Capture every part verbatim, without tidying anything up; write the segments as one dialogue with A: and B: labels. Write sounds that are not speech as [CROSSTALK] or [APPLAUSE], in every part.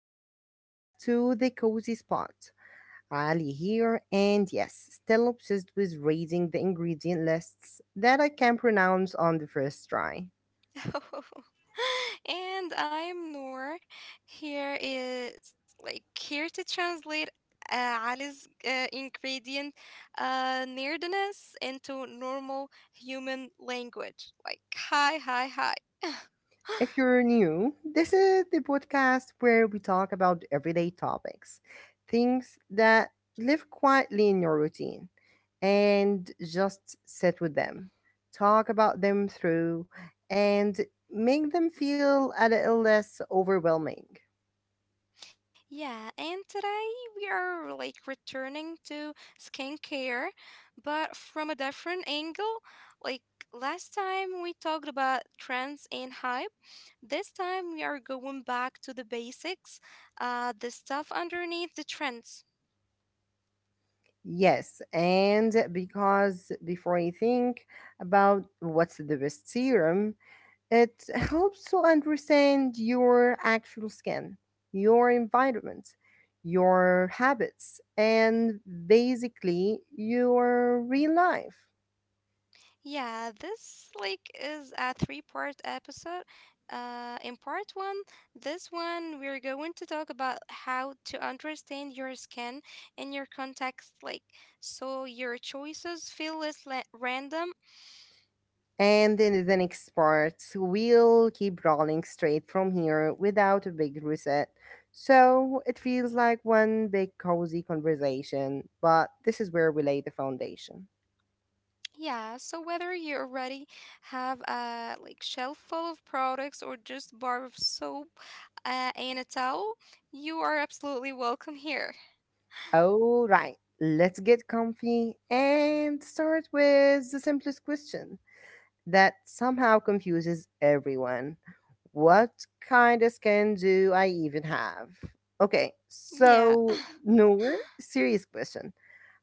A: welcome back to the cozy spot. Ali here, and yes, still obsessed with reading the ingredient lists that I can pronounce on the first try.
B: [LAUGHS] And I'm Noor. Here is like here to translate uh, Ali's uh, ingredient uh, nerdiness into normal human language. Like hi, hi, hi.
A: If
B: [LAUGHS]
A: you're new, this is the podcast where we talk about everyday topics, things that live quietly in your routine, and just sit with them, talk about them through, and make them feel a little less overwhelming.
B: Yeah, and today we are like returning to skincare, but from a different angle. Like Last time we talked about trends and hype. This time we are going back to the basics, uh, the stuff underneath the trends.
A: Yes, and because before I think about what's the best serum, it helps to understand your actual skin, your environment, your habits, and basically your real life.
B: Yeah, this like is a three-part episode. Uh, in part one, this one we're going to talk about how to understand your skin and your context, like so your choices feel less la- random.
A: And in the next part, we'll keep rolling straight from here without a big reset. So it feels like one big cozy conversation, but this is where we lay the foundation.
B: Yeah, so whether you already have a like shelf full of products or just bar of soap uh, and a towel, you are absolutely welcome here.
A: All right, let's get comfy and start with the simplest question that somehow confuses everyone. What kind of skin do I even have? Okay,
B: Yeah.
A: so,
B: [LAUGHS]
A: Noor, serious question.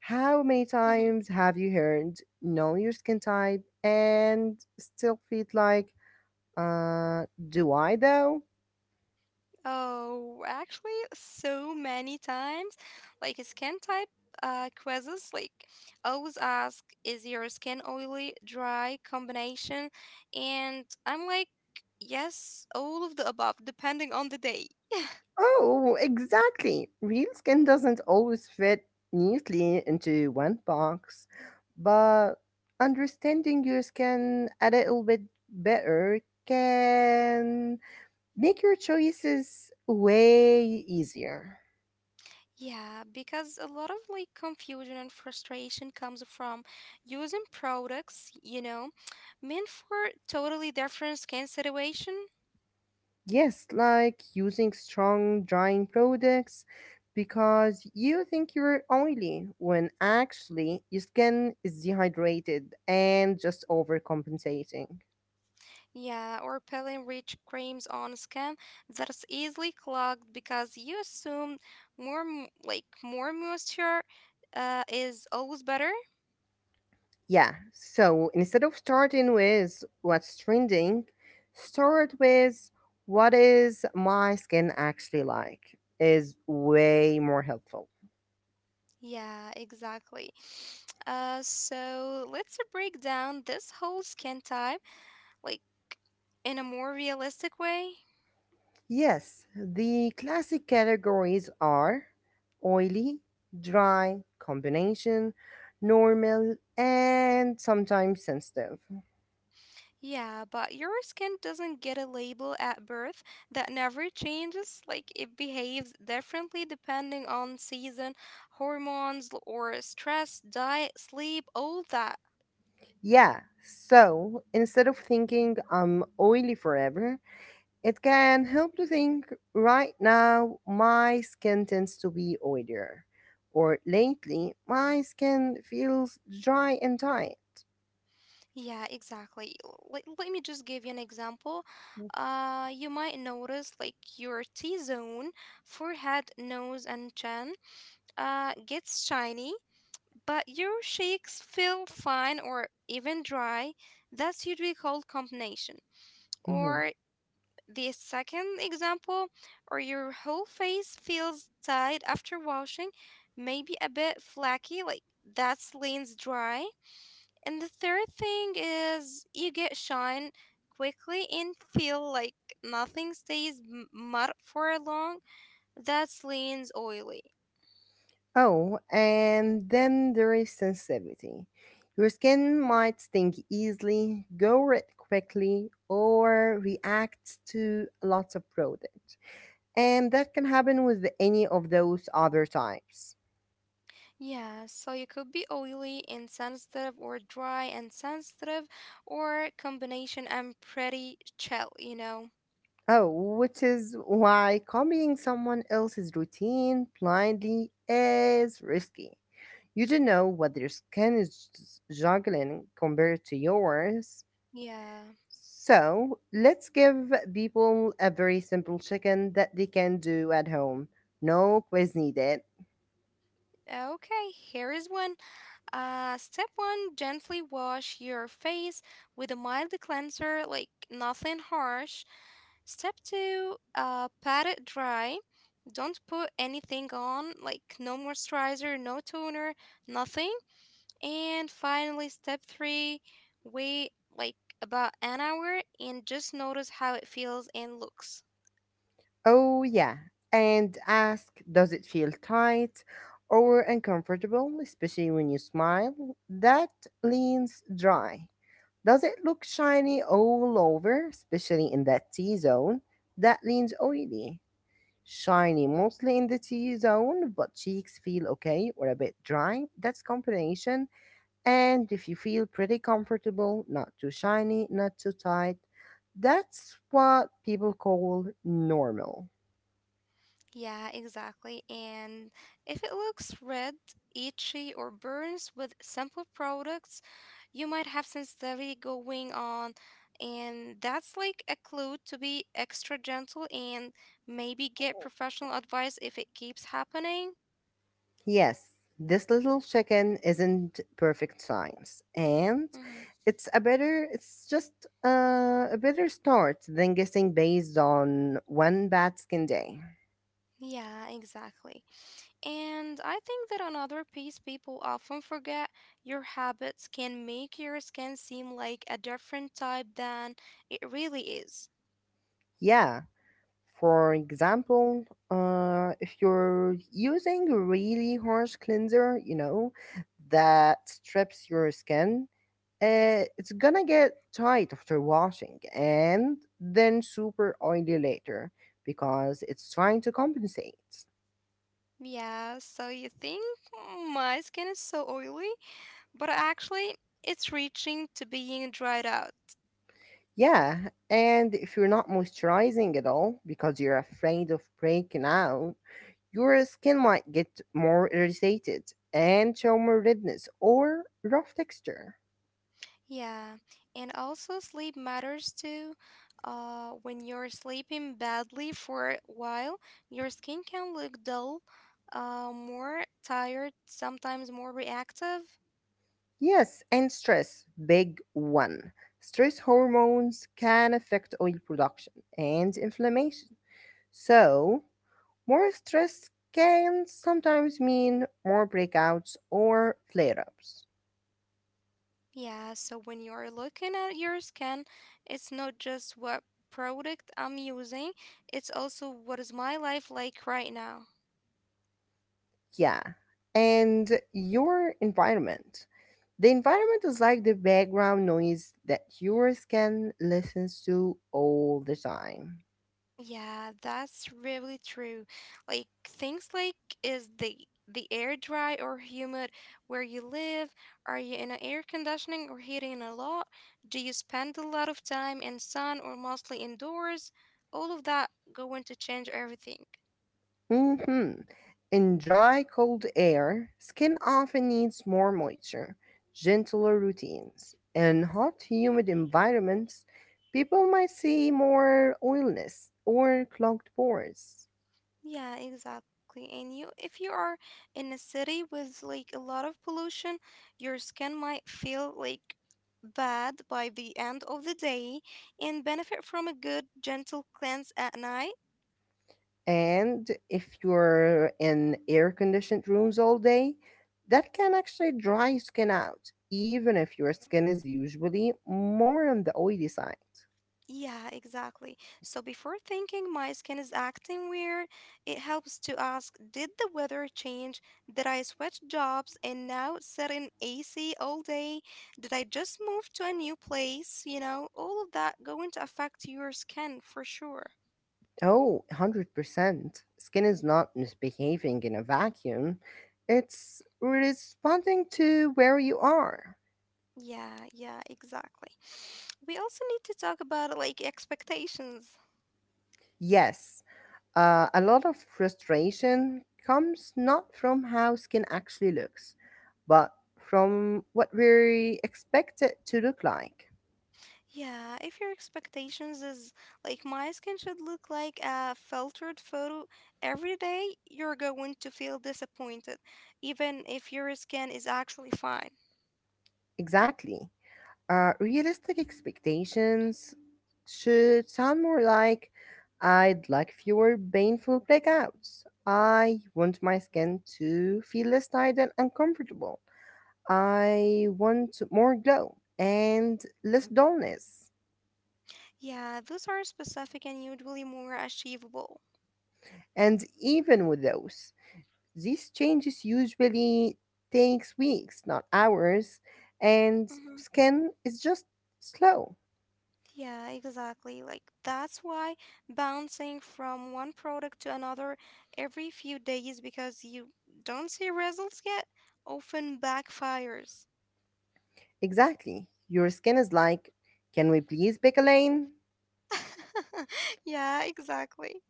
A: How many
B: Mhm.
A: times have you heard know your skin type and still feel like, uh, do I though?
B: Oh, actually, so many times. Like skin type uh, quizzes, like always ask, is your skin oily, dry combination? And I'm like, yes, all of the above, depending on the day.
A: Oh, exactly. Real skin doesn't always fit neatly into one box, but understanding your skin a little bit better can make your choices way easier.
B: Yeah, because a lot of like confusion and frustration comes from using products, you know, meant for totally different skin situation.
A: Yes, like using strong drying products because you think you're oily when actually your skin is dehydrated and just overcompensating.
B: Yeah, or peeling rich creams on skin that's easily clogged because you assume more m- like more moisture uh, is always better.
A: Yeah. So instead of starting with what's trending, start with what is my skin actually like is way more helpful.
B: Yeah, exactly. [SNIFFS] Uh, so let's break down this whole skin type like in a more realistic way.
A: Yes, the classic categories are oily, dry, combination, normal, and sometimes sensitive.
B: Yeah, but your skin doesn't get a label at birth that never changes. Like it behaves differently depending on season, hormones, l- or stress, diet, sleep, all that.
A: Yeah. So instead of thinking I'm oily forever, it can help to think right now, my skin tends to be oilier, or lately, my skin feels dry and tight.
B: Yeah, exactly. Let, let me just give you an example. Uh, you might notice like your T zone, forehead, nose, and chin, uh, gets shiny, but your cheeks feel fine or even dry. That's usually called combination.
A: Mhm.
B: Or the second example, or your whole face feels tight after washing, maybe a bit flaky, like that's leans dry. And the third thing is you get shine quickly and feel like nothing stays m- mud for long. That's leans oily.
A: Oh, and then there is sensitivity. Your skin might sting easily, go red quickly, or react to lots of product. And that can happen with any of those other types.
B: Yeah, so you could be oily and sensitive, or dry and sensitive, or combination. I'm pretty chill, you know.
A: Oh, which is why copying someone else's routine blindly is risky. You don't know what their skin is juggling compared to yours.
B: Yeah.
A: So let's give people a very simple chicken that they can do at home. No quiz needed.
B: Okay, here is one. Uh, step one, gently wash your face with a mild cleanser, like nothing harsh. Step two, uh, pat it dry. Don't put anything on, like no moisturizer, no toner, nothing. And finally, step three, wait like about an hour and just notice how it feels and looks.
A: Oh, yeah. And ask, does it feel tight or uncomfortable, especially when you smile? That leans dry. Does it look shiny all over, especially in that T zone? That leans oily. Shiny mostly in the T zone, but cheeks feel okay or a bit dry. That's combination. And if you feel pretty comfortable, not too shiny, not too tight, that's what people call normal.
B: Yeah, exactly. And if it looks red, itchy, or burns with simple products, you might have sensitivity going on. And that's like a clue to be extra gentle and maybe get professional advice if it keeps happening.
A: Yes, this little chicken isn't perfect science, and
B: Mhm.
A: it's a better. It's just uh, a better start than guessing based on one bad skin day.
B: Yeah, exactly. And I think that another piece people often forget your habits can make your skin seem like a different type than it really is.
A: Yeah. For example, uh, if you're using a really harsh cleanser, you know, that strips your skin, uh, it's gonna get tight after washing and then super oily later because it's trying to compensate.
B: Yeah, so you think, "Mm, my skin is so oily, but actually it's reaching to being dried out."
A: Yeah, and if you're not moisturizing at all because you're afraid of breaking out, your skin might get more irritated and show more redness or rough texture.
B: Yeah, and also sleep matters too. Uh, when you're sleeping badly for a while, your skin can look dull, uh, more tired, sometimes more reactive.
A: Yes, and stress, big one. Stress hormones can affect oil production and inflammation. So, more stress can sometimes mean more breakouts or flare ups.
B: Yeah, so when you're looking at your skin, it's not just what product I'm using, it's also what is my life like right now.
A: Yeah. And your environment. The environment is like the background noise that your skin listens to all the time.
B: Yeah, that's really true. Like things like is the the air dry or humid where you live? Are you in a air conditioning or heating a lot? Do you spend a lot of time in sun or mostly indoors? All of that going to change everything.
A: hmm In dry, cold air, skin often needs more moisture, gentler routines. In hot, humid environments, people might see more oiliness or clogged pores.
B: Yeah, exactly. And you, if you are in a city with like a lot of pollution, your skin might feel like bad by the end of the day and benefit from a good gentle cleanse at night.
A: And if you're in air conditioned rooms all day, that can actually dry skin out, even if your skin is usually more on the oily side.
B: Yeah, exactly. So before thinking my skin is acting weird, it helps to ask, did the weather change? Did I switch jobs and now sit in A C all day? Did I just move to a new place? You know, all of that going to affect your skin for sure.
A: Oh, one hundred percent. Skin is not misbehaving in a vacuum. It's responding to where you are.
B: Yeah, yeah, exactly. [SNIFFS] We also need to talk about like expectations.
A: Yes, uh, a lot of frustration comes not from how skin actually looks, but from what we expect it to look like.
B: Yeah, if your expectations is like my skin should look like a filtered photo every day, you're going to feel disappointed, even if your skin is actually fine.
A: Exactly. Uh, realistic expectations should sound more like I'd like fewer painful blackouts. I want my skin to feel less tight and uncomfortable. I want more glow and less dullness.
B: Yeah, those are specific and usually more achievable.
A: And even with those, these changes usually takes weeks, not hours, and
B: Hmm.
A: skin is just slow.
B: Yeah, exactly. Like that's why bouncing from one product to another every few days because you don't see results yet often backfires.
A: Exactly. Your skin is like, can we please pick a lane?
B: [LAUGHS] Yeah, exactly.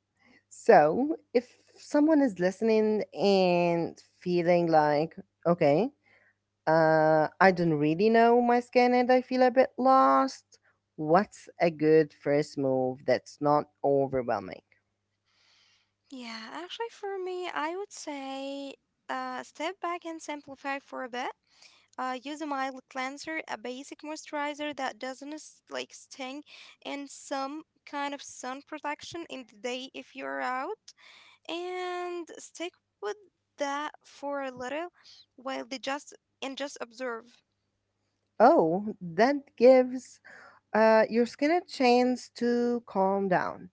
A: So, if someone is listening and feeling like, okay, uh, I don't really know my skin and I feel a bit lost, what's a good first move that's not overwhelming?
B: Yeah, actually, for me, I would say uh, step back and simplify for a bit. Uh, use a mild cleanser, a basic moisturizer that doesn't s- like sting, and some kind of sun protection in the day if you're out. And stick with that for a little while they just and just observe.
A: Oh, that gives uh, your skin a chance to calm down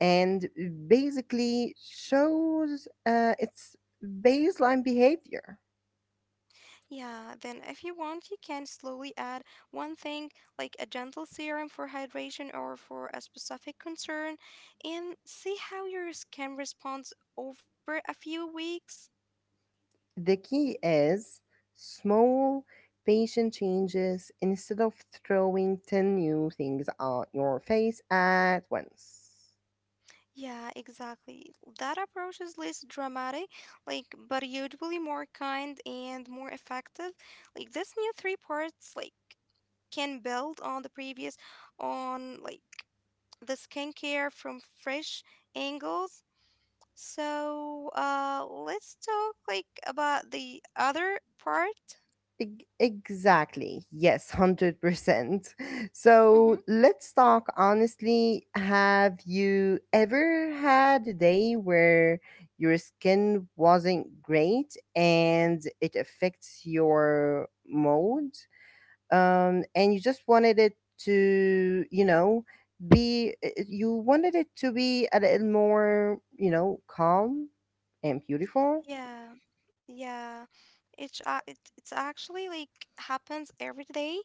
A: and basically shows uh, its baseline behavior.
B: Yeah, then if you want, you can slowly add one thing like a gentle serum for hydration or for a specific concern and see how your skin responds over a few weeks.
A: The key is small, patient changes instead of throwing ten new things at your face at once.
B: Yeah, exactly. That approach is less dramatic, like, but usually more kind and more effective. Like, this new three parts, like, can build on the previous on, like, the skincare from fresh angles. So, uh, let's talk like about the other part.
A: Eg- Exactly. Yes, one hundred percent. So
B: Mm-hmm.
A: let's talk honestly. Have you ever had a day where your skin wasn't great and it affects your mood? Um, and you just wanted it to, you know, be i- you wanted it to be a little more, you know, calm and beautiful.
B: Yeah, yeah. It's uh, it, it's actually like happens every day.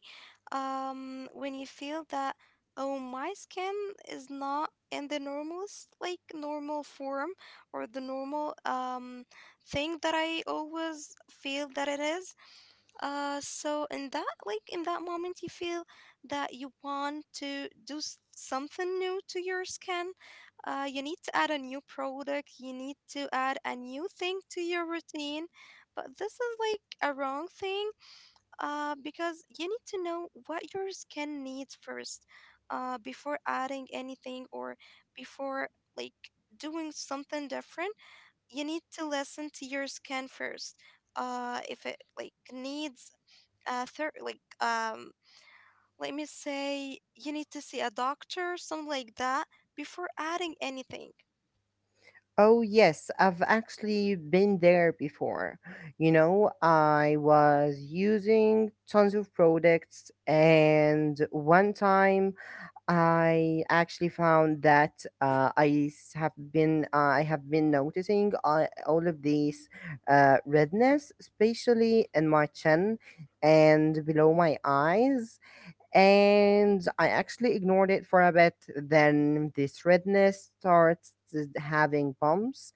B: Um, when you feel that, oh, my skin is not in the normal s- like normal form or the normal um thing that I always feel that it is. Uh, so in that like in that moment you feel that you want to do s- something new to your skin. Uh, you need to add a new product, you need to add a new thing to your routine, but this is like a wrong thing. Uh, because you need to know what your skin needs first, uh, before adding anything or before like doing something different. You need to listen to your skin first. Uh if it like needs uh third like um let me say you need to see a doctor something like that before adding anything.
A: Oh yes, I've actually been there before. You know, I was using tons of products and one time I actually found that uh, I s- have been uh, I have been noticing uh, all of these uh, redness, especially in my chin and below my eyes, and I actually ignored it for a bit. Then this redness starts uh, having bumps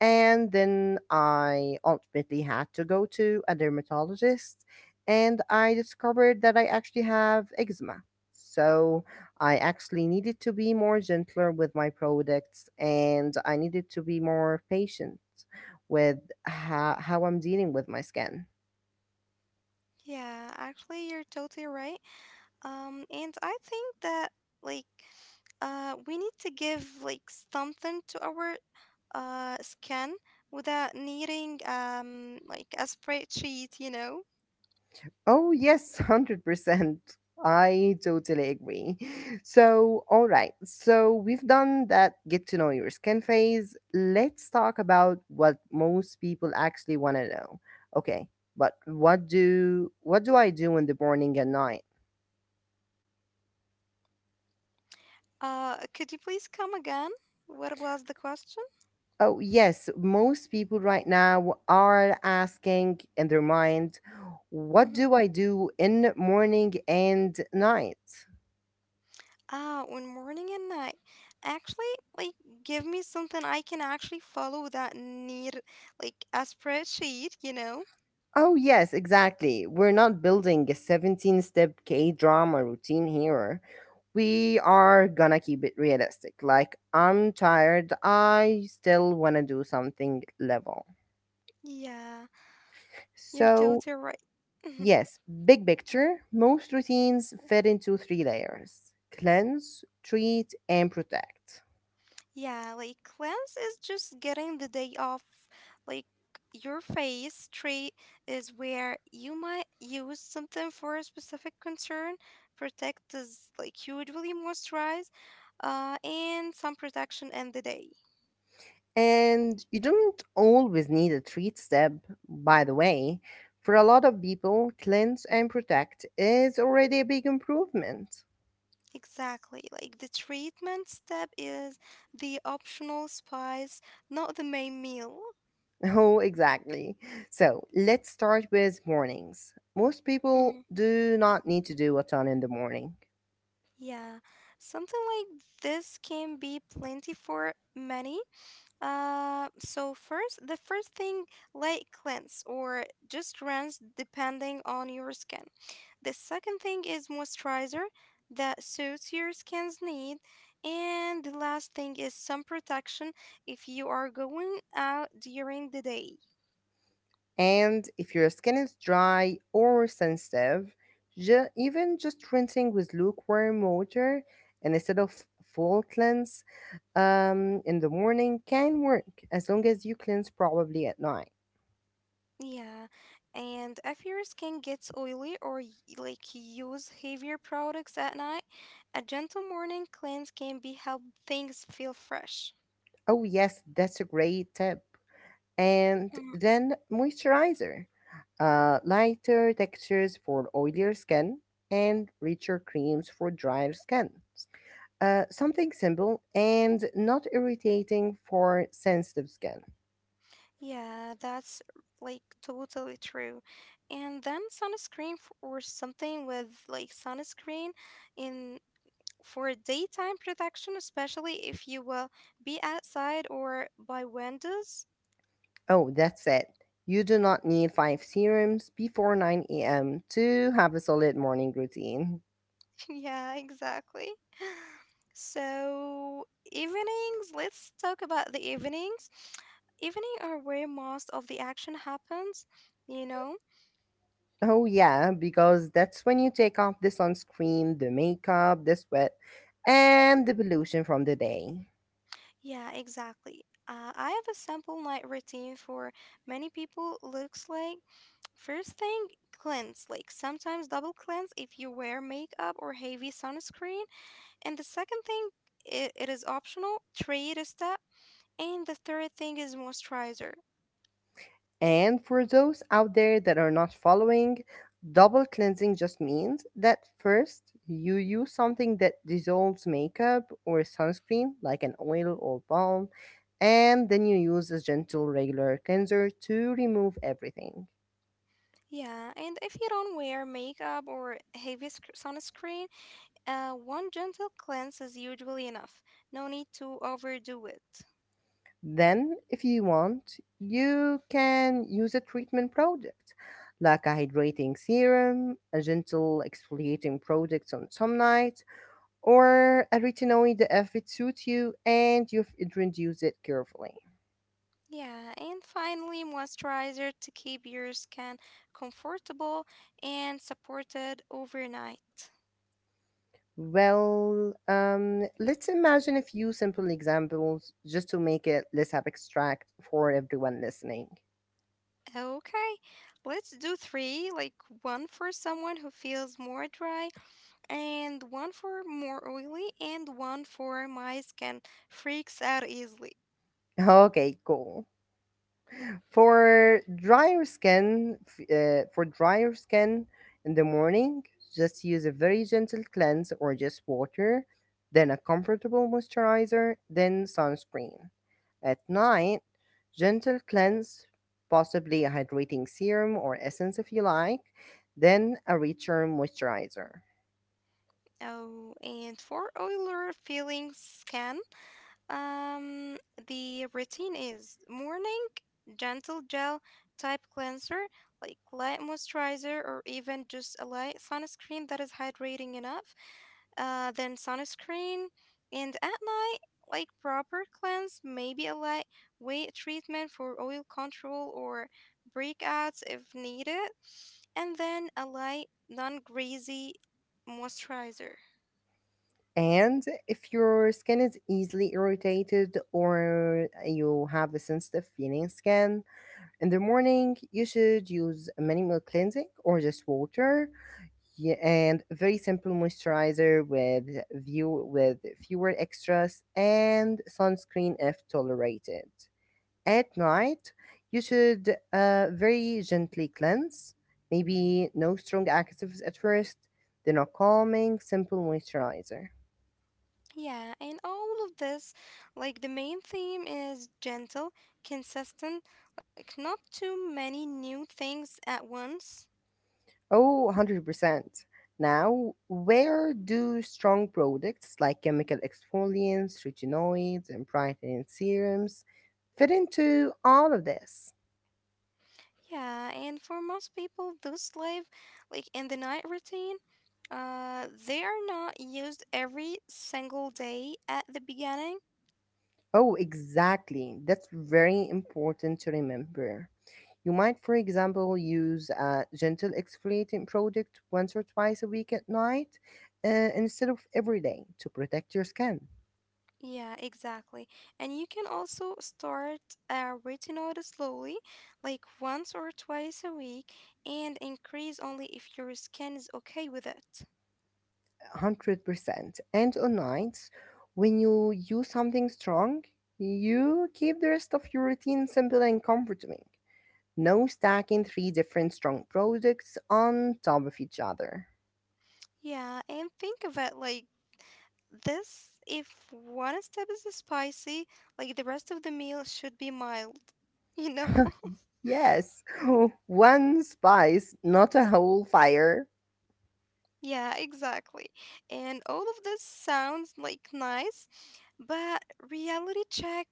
A: and then I ultimately had to go to a dermatologist and I discovered that I actually have eczema. So I actually needed to be more gentler with my products and I needed to be more patient with how, how I'm dealing with my skin.
B: yeah Actually you're totally right. Um and I think that like uh we need to give like something to our uh skin without needing um like a spreadsheet, you know.
A: Oh, yes, one hundred percent. I totally agree. So, all right. So, we've done that get to know your skin phase. Let's talk about what most people actually want to know. Okay. But what do what do I do in the morning and night?
B: Uh could you please come again, what was the question?
A: Oh, yes, most people right now are asking in their mind, what
B: Mm-hmm.
A: do I do in morning and night?
B: Ah, when morning and night. Actually, like, give me something I can actually follow that need, like, a spreadsheet, you know?
A: Oh, yes, exactly. We're not building a seventeen step K drama routine here. We are gonna keep it realistic. Like, I'm tired, I still wanna do something level.
B: Yeah, you're totally
A: So,
B: right. Mhm.
A: yes, big picture, most routines fit into three layers cleanse, treat, and protect.
B: Yeah, like, cleanse is just getting the day off. Like, your face treat is where you might use something for a specific concern. Protect is, like, usually moisturize, uh, and some protection in the day.
A: And you don't always need a treat step, by the way. For a lot of people, cleanse and protect is already a big improvement.
B: Exactly. Like the treatment step is the optional spice, not the main meal.
A: Oh, exactly. So let's start with mornings. Most people
B: Mhm.
A: do not need to do a ton in the morning.
B: Yeah, something like this can be plenty for many. Uh, so first, the first thing, light cleanse or just rinse depending on your skin. The second thing is moisturizer that suits your skin's need. And the last thing is sun protection if you are going out during the day.
A: And if your skin is dry or sensitive, ju- even just rinsing with lukewarm water and instead of full cleanse um, in the morning can work as long as you cleanse probably at night.
B: Yeah, and if your skin gets oily or y- like you use heavier products at night, a gentle morning cleanse can be help things feel fresh.
A: Oh, yes, that's a great tip. And
B: Mm.
A: then moisturizer. Uh, lighter textures for oilier skin and richer creams for drier skin. Uh, something simple and not irritating for sensitive skin.
B: Yeah, that's like totally true. And then sunscreen f- or something with like sunscreen in for daytime protection, especially if you will be outside or by windows.
A: Oh, that's it. You do not need five serums before nine a m to have a solid morning routine.
B: Yeah, exactly. [SIGHS] So, evenings, let's talk about the evenings. [TSK] Evening are where most of the action happens, you know?
A: Oh, yeah, because that's when you take off the sunscreen, the makeup, the sweat, and the pollution from the day.
B: Yeah, exactly. Uh, I have a simple night routine for many people. Looks like first thing, cleanse, like sometimes double cleanse if you wear makeup or heavy sunscreen. And the second thing, it, it is optional, trade a step. And the third thing is moisturizer.
A: And for those out there that are not following, double cleansing just means that first you use something that dissolves makeup or sunscreen, like an oil or balm, and then you use a gentle regular cleanser to remove everything.
B: Yeah, and if you don't wear makeup or heavy sc- sunscreen, uh, one gentle cleanse is usually enough. No need to overdo it.
A: Then, if you want, you can use a treatment product like a hydrating serum, a gentle exfoliating product on some nights, or a retinoid if it suits you and you've introduced it carefully.
B: Yeah, and finally, moisturizer to keep your skin comfortable and supported overnight.
A: Well, um, let's imagine a few simple examples just to make it less abstract for everyone listening.
B: Okay, let's do three like one for someone who feels more dry, and one for more oily, and one for my skin freaks out easily.
A: [LAUGHS] Okay, cool. For drier skin, f- uh, for drier skin in the morning, just use a very gentle cleanse or just water, then a comfortable moisturizer, then sunscreen. At night, gentle cleanse, possibly a hydrating serum or essence if you like, then a richer moisturizer.
B: Oh, and for Euler feeling scan, um, the routine is morning, gentle gel type cleanser, like light moisturizer, or even just a light sunscreen that is hydrating enough. Uh, then sunscreen, and at night, like proper cleanse, maybe a light weight treatment for oil control or breakouts if needed, and then a light, non greasy moisturizer.
A: And if your skin is easily irritated or you have a sensitive feeling skin, in the morning, you should use minimal cleansing or just water yeah, and a very simple moisturizer with view with fewer extras and sunscreen if tolerated. At night, you should uh, very gently cleanse, maybe no strong actives at first, then a calming, simple moisturizer.
B: Yeah, and all of this, like the main theme is gentle, consistent, like not too many new things at once.
A: Oh, one hundred percent. Now, where do strong products like chemical exfoliants, retinoids, and brightening serums fit into all of this?
B: Yeah, and for most people those live like in the night routine, uh they are not used every single day at the beginning.
A: Oh, exactly. That's very important to remember. You might, for example, use a gentle exfoliating product once or twice a week at night uh, instead of every day to protect your skin.
B: Yeah, exactly. And you can also start a retinoid slowly, like once or twice a week, and increase only if your skin is okay with it.
A: one hundred percent. And on nights, when you use something strong, you keep the rest of your routine simple and comforting. No stacking three different strong products on top of each other.
B: Yeah, and think of it like this, if one step is spicy, like the rest of the meal should be mild. [LAUGHS] You know? [LAUGHS]
A: [LAUGHS] Yes, [LAUGHS] one spice, not a whole fire.
B: Yeah, exactly. And all of this sounds like nice, but reality check,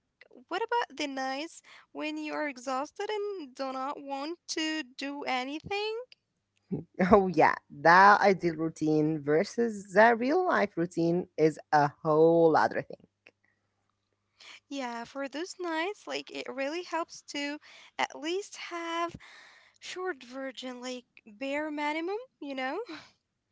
B: what about the nights when you are exhausted and do not want to do anything?
A: [LAUGHS] Oh, yeah, the ideal routine versus the real life routine is a whole other thing.
B: Yeah, for those nights, like it really helps to at least have short version, like bare minimum, you know?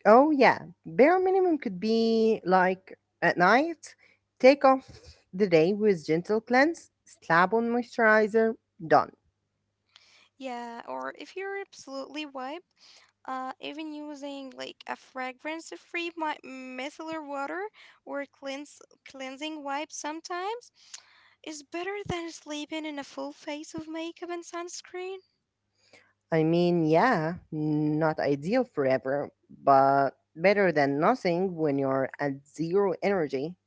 A: Oh yeah, bare minimum could be like at night, take off the day with gentle cleanse, slap on moisturizer, done.
B: Yeah, or if you're absolutely wipe, uh, even using like a fragrance-free mi- micellar water or cleanse cleansing wipe sometimes [TSK] is better than sleeping in a full face of makeup and sunscreen.
A: I mean, yeah, not ideal forever, but better than nothing when you're at zero energy. [LAUGHS]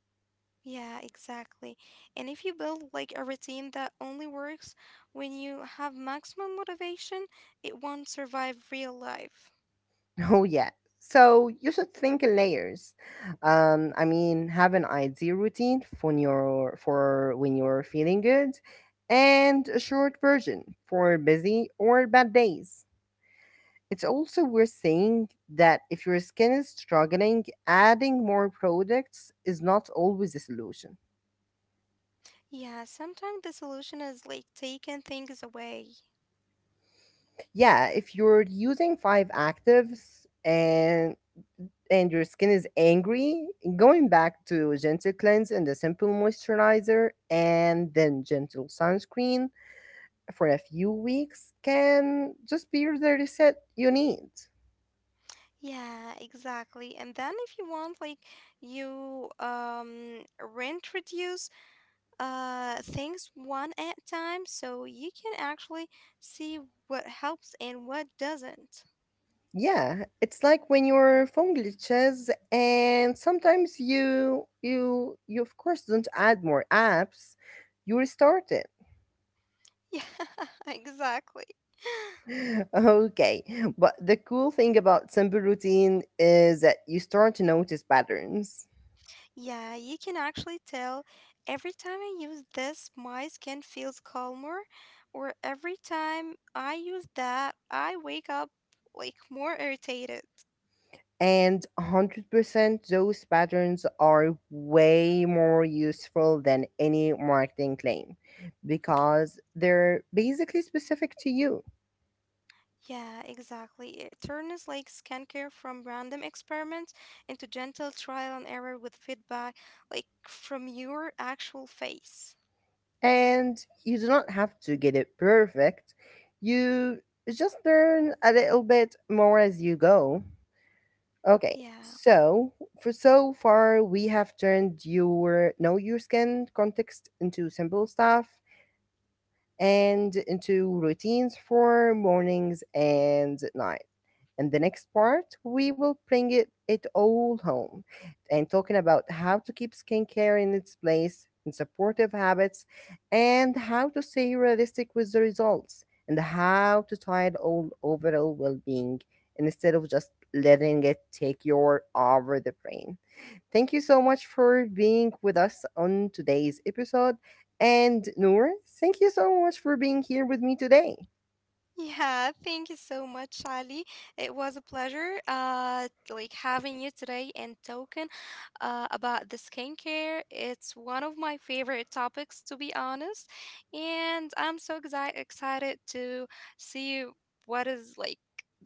B: Yeah, exactly. And if you build like a routine that only works when you have maximum motivation, it won't survive real life.
A: Oh yeah. So you should think in layers. Um, I mean, have an ideal routine for your for when you're feeling good, and a short version for busy or bad days. It's also worth saying that if your skin is struggling, adding more products is not always a solution.
B: Yeah, sometimes the solution is like taking things away.
A: Yeah, if you're using five actives and and your skin is angry, going back to gentle cleanse and a simple moisturizer and then gentle sunscreen for a few weeks can just be the reset you need.
B: Yeah, exactly. And then if you want, like you um reintroduce uh things one at a time so you can actually see what helps and what doesn't. [LAUGHS]
A: Yeah, it's like when your phone glitches and sometimes you you you of course don't add more apps, you restart it.
B: Yeah, exactly.
A: [LAUGHS] Okay, but the cool thing about simple routine is that you start to notice patterns.
B: Yeah, you can actually tell every time I use this, my skin feels calmer, or every time I use that, I wake up like more irritated.
A: And one hundred percent those patterns are way more useful than any marketing claim because they're basically specific to you.
B: Yeah, exactly. It turns like skincare from random experiments into gentle trial and error with feedback, like from your actual face.
A: And you do not have to get it perfect. You just learn a little bit more as you go. Okay.
B: Yeah.
A: So, for so far, we have turned your know your skin context into simple stuff and into routines for mornings and nights. In the next part, we will bring it, it all home and talking about how to keep skincare in its place and supportive habits and how to stay realistic with the results and how to tie it all overall well-being instead of just letting it take your over the brain. Thank you so much for being with us on today's episode. And Noor, thank you so much for being here with me today.
B: Yeah, thank you so much, Ali. It was a pleasure, uh, like having you today and talking uh, about the skincare. It's one of my favorite topics, to be honest, and I'm so exi- excited to see what is like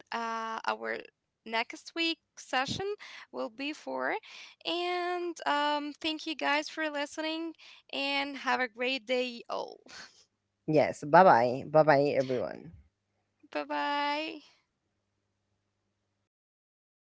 B: uh, our next week session will be for. And um, thank you guys for listening, and have a great day, all.
A: Yes. Bye bye. Bye bye, everyone.
B: [LAUGHS] Bye bye.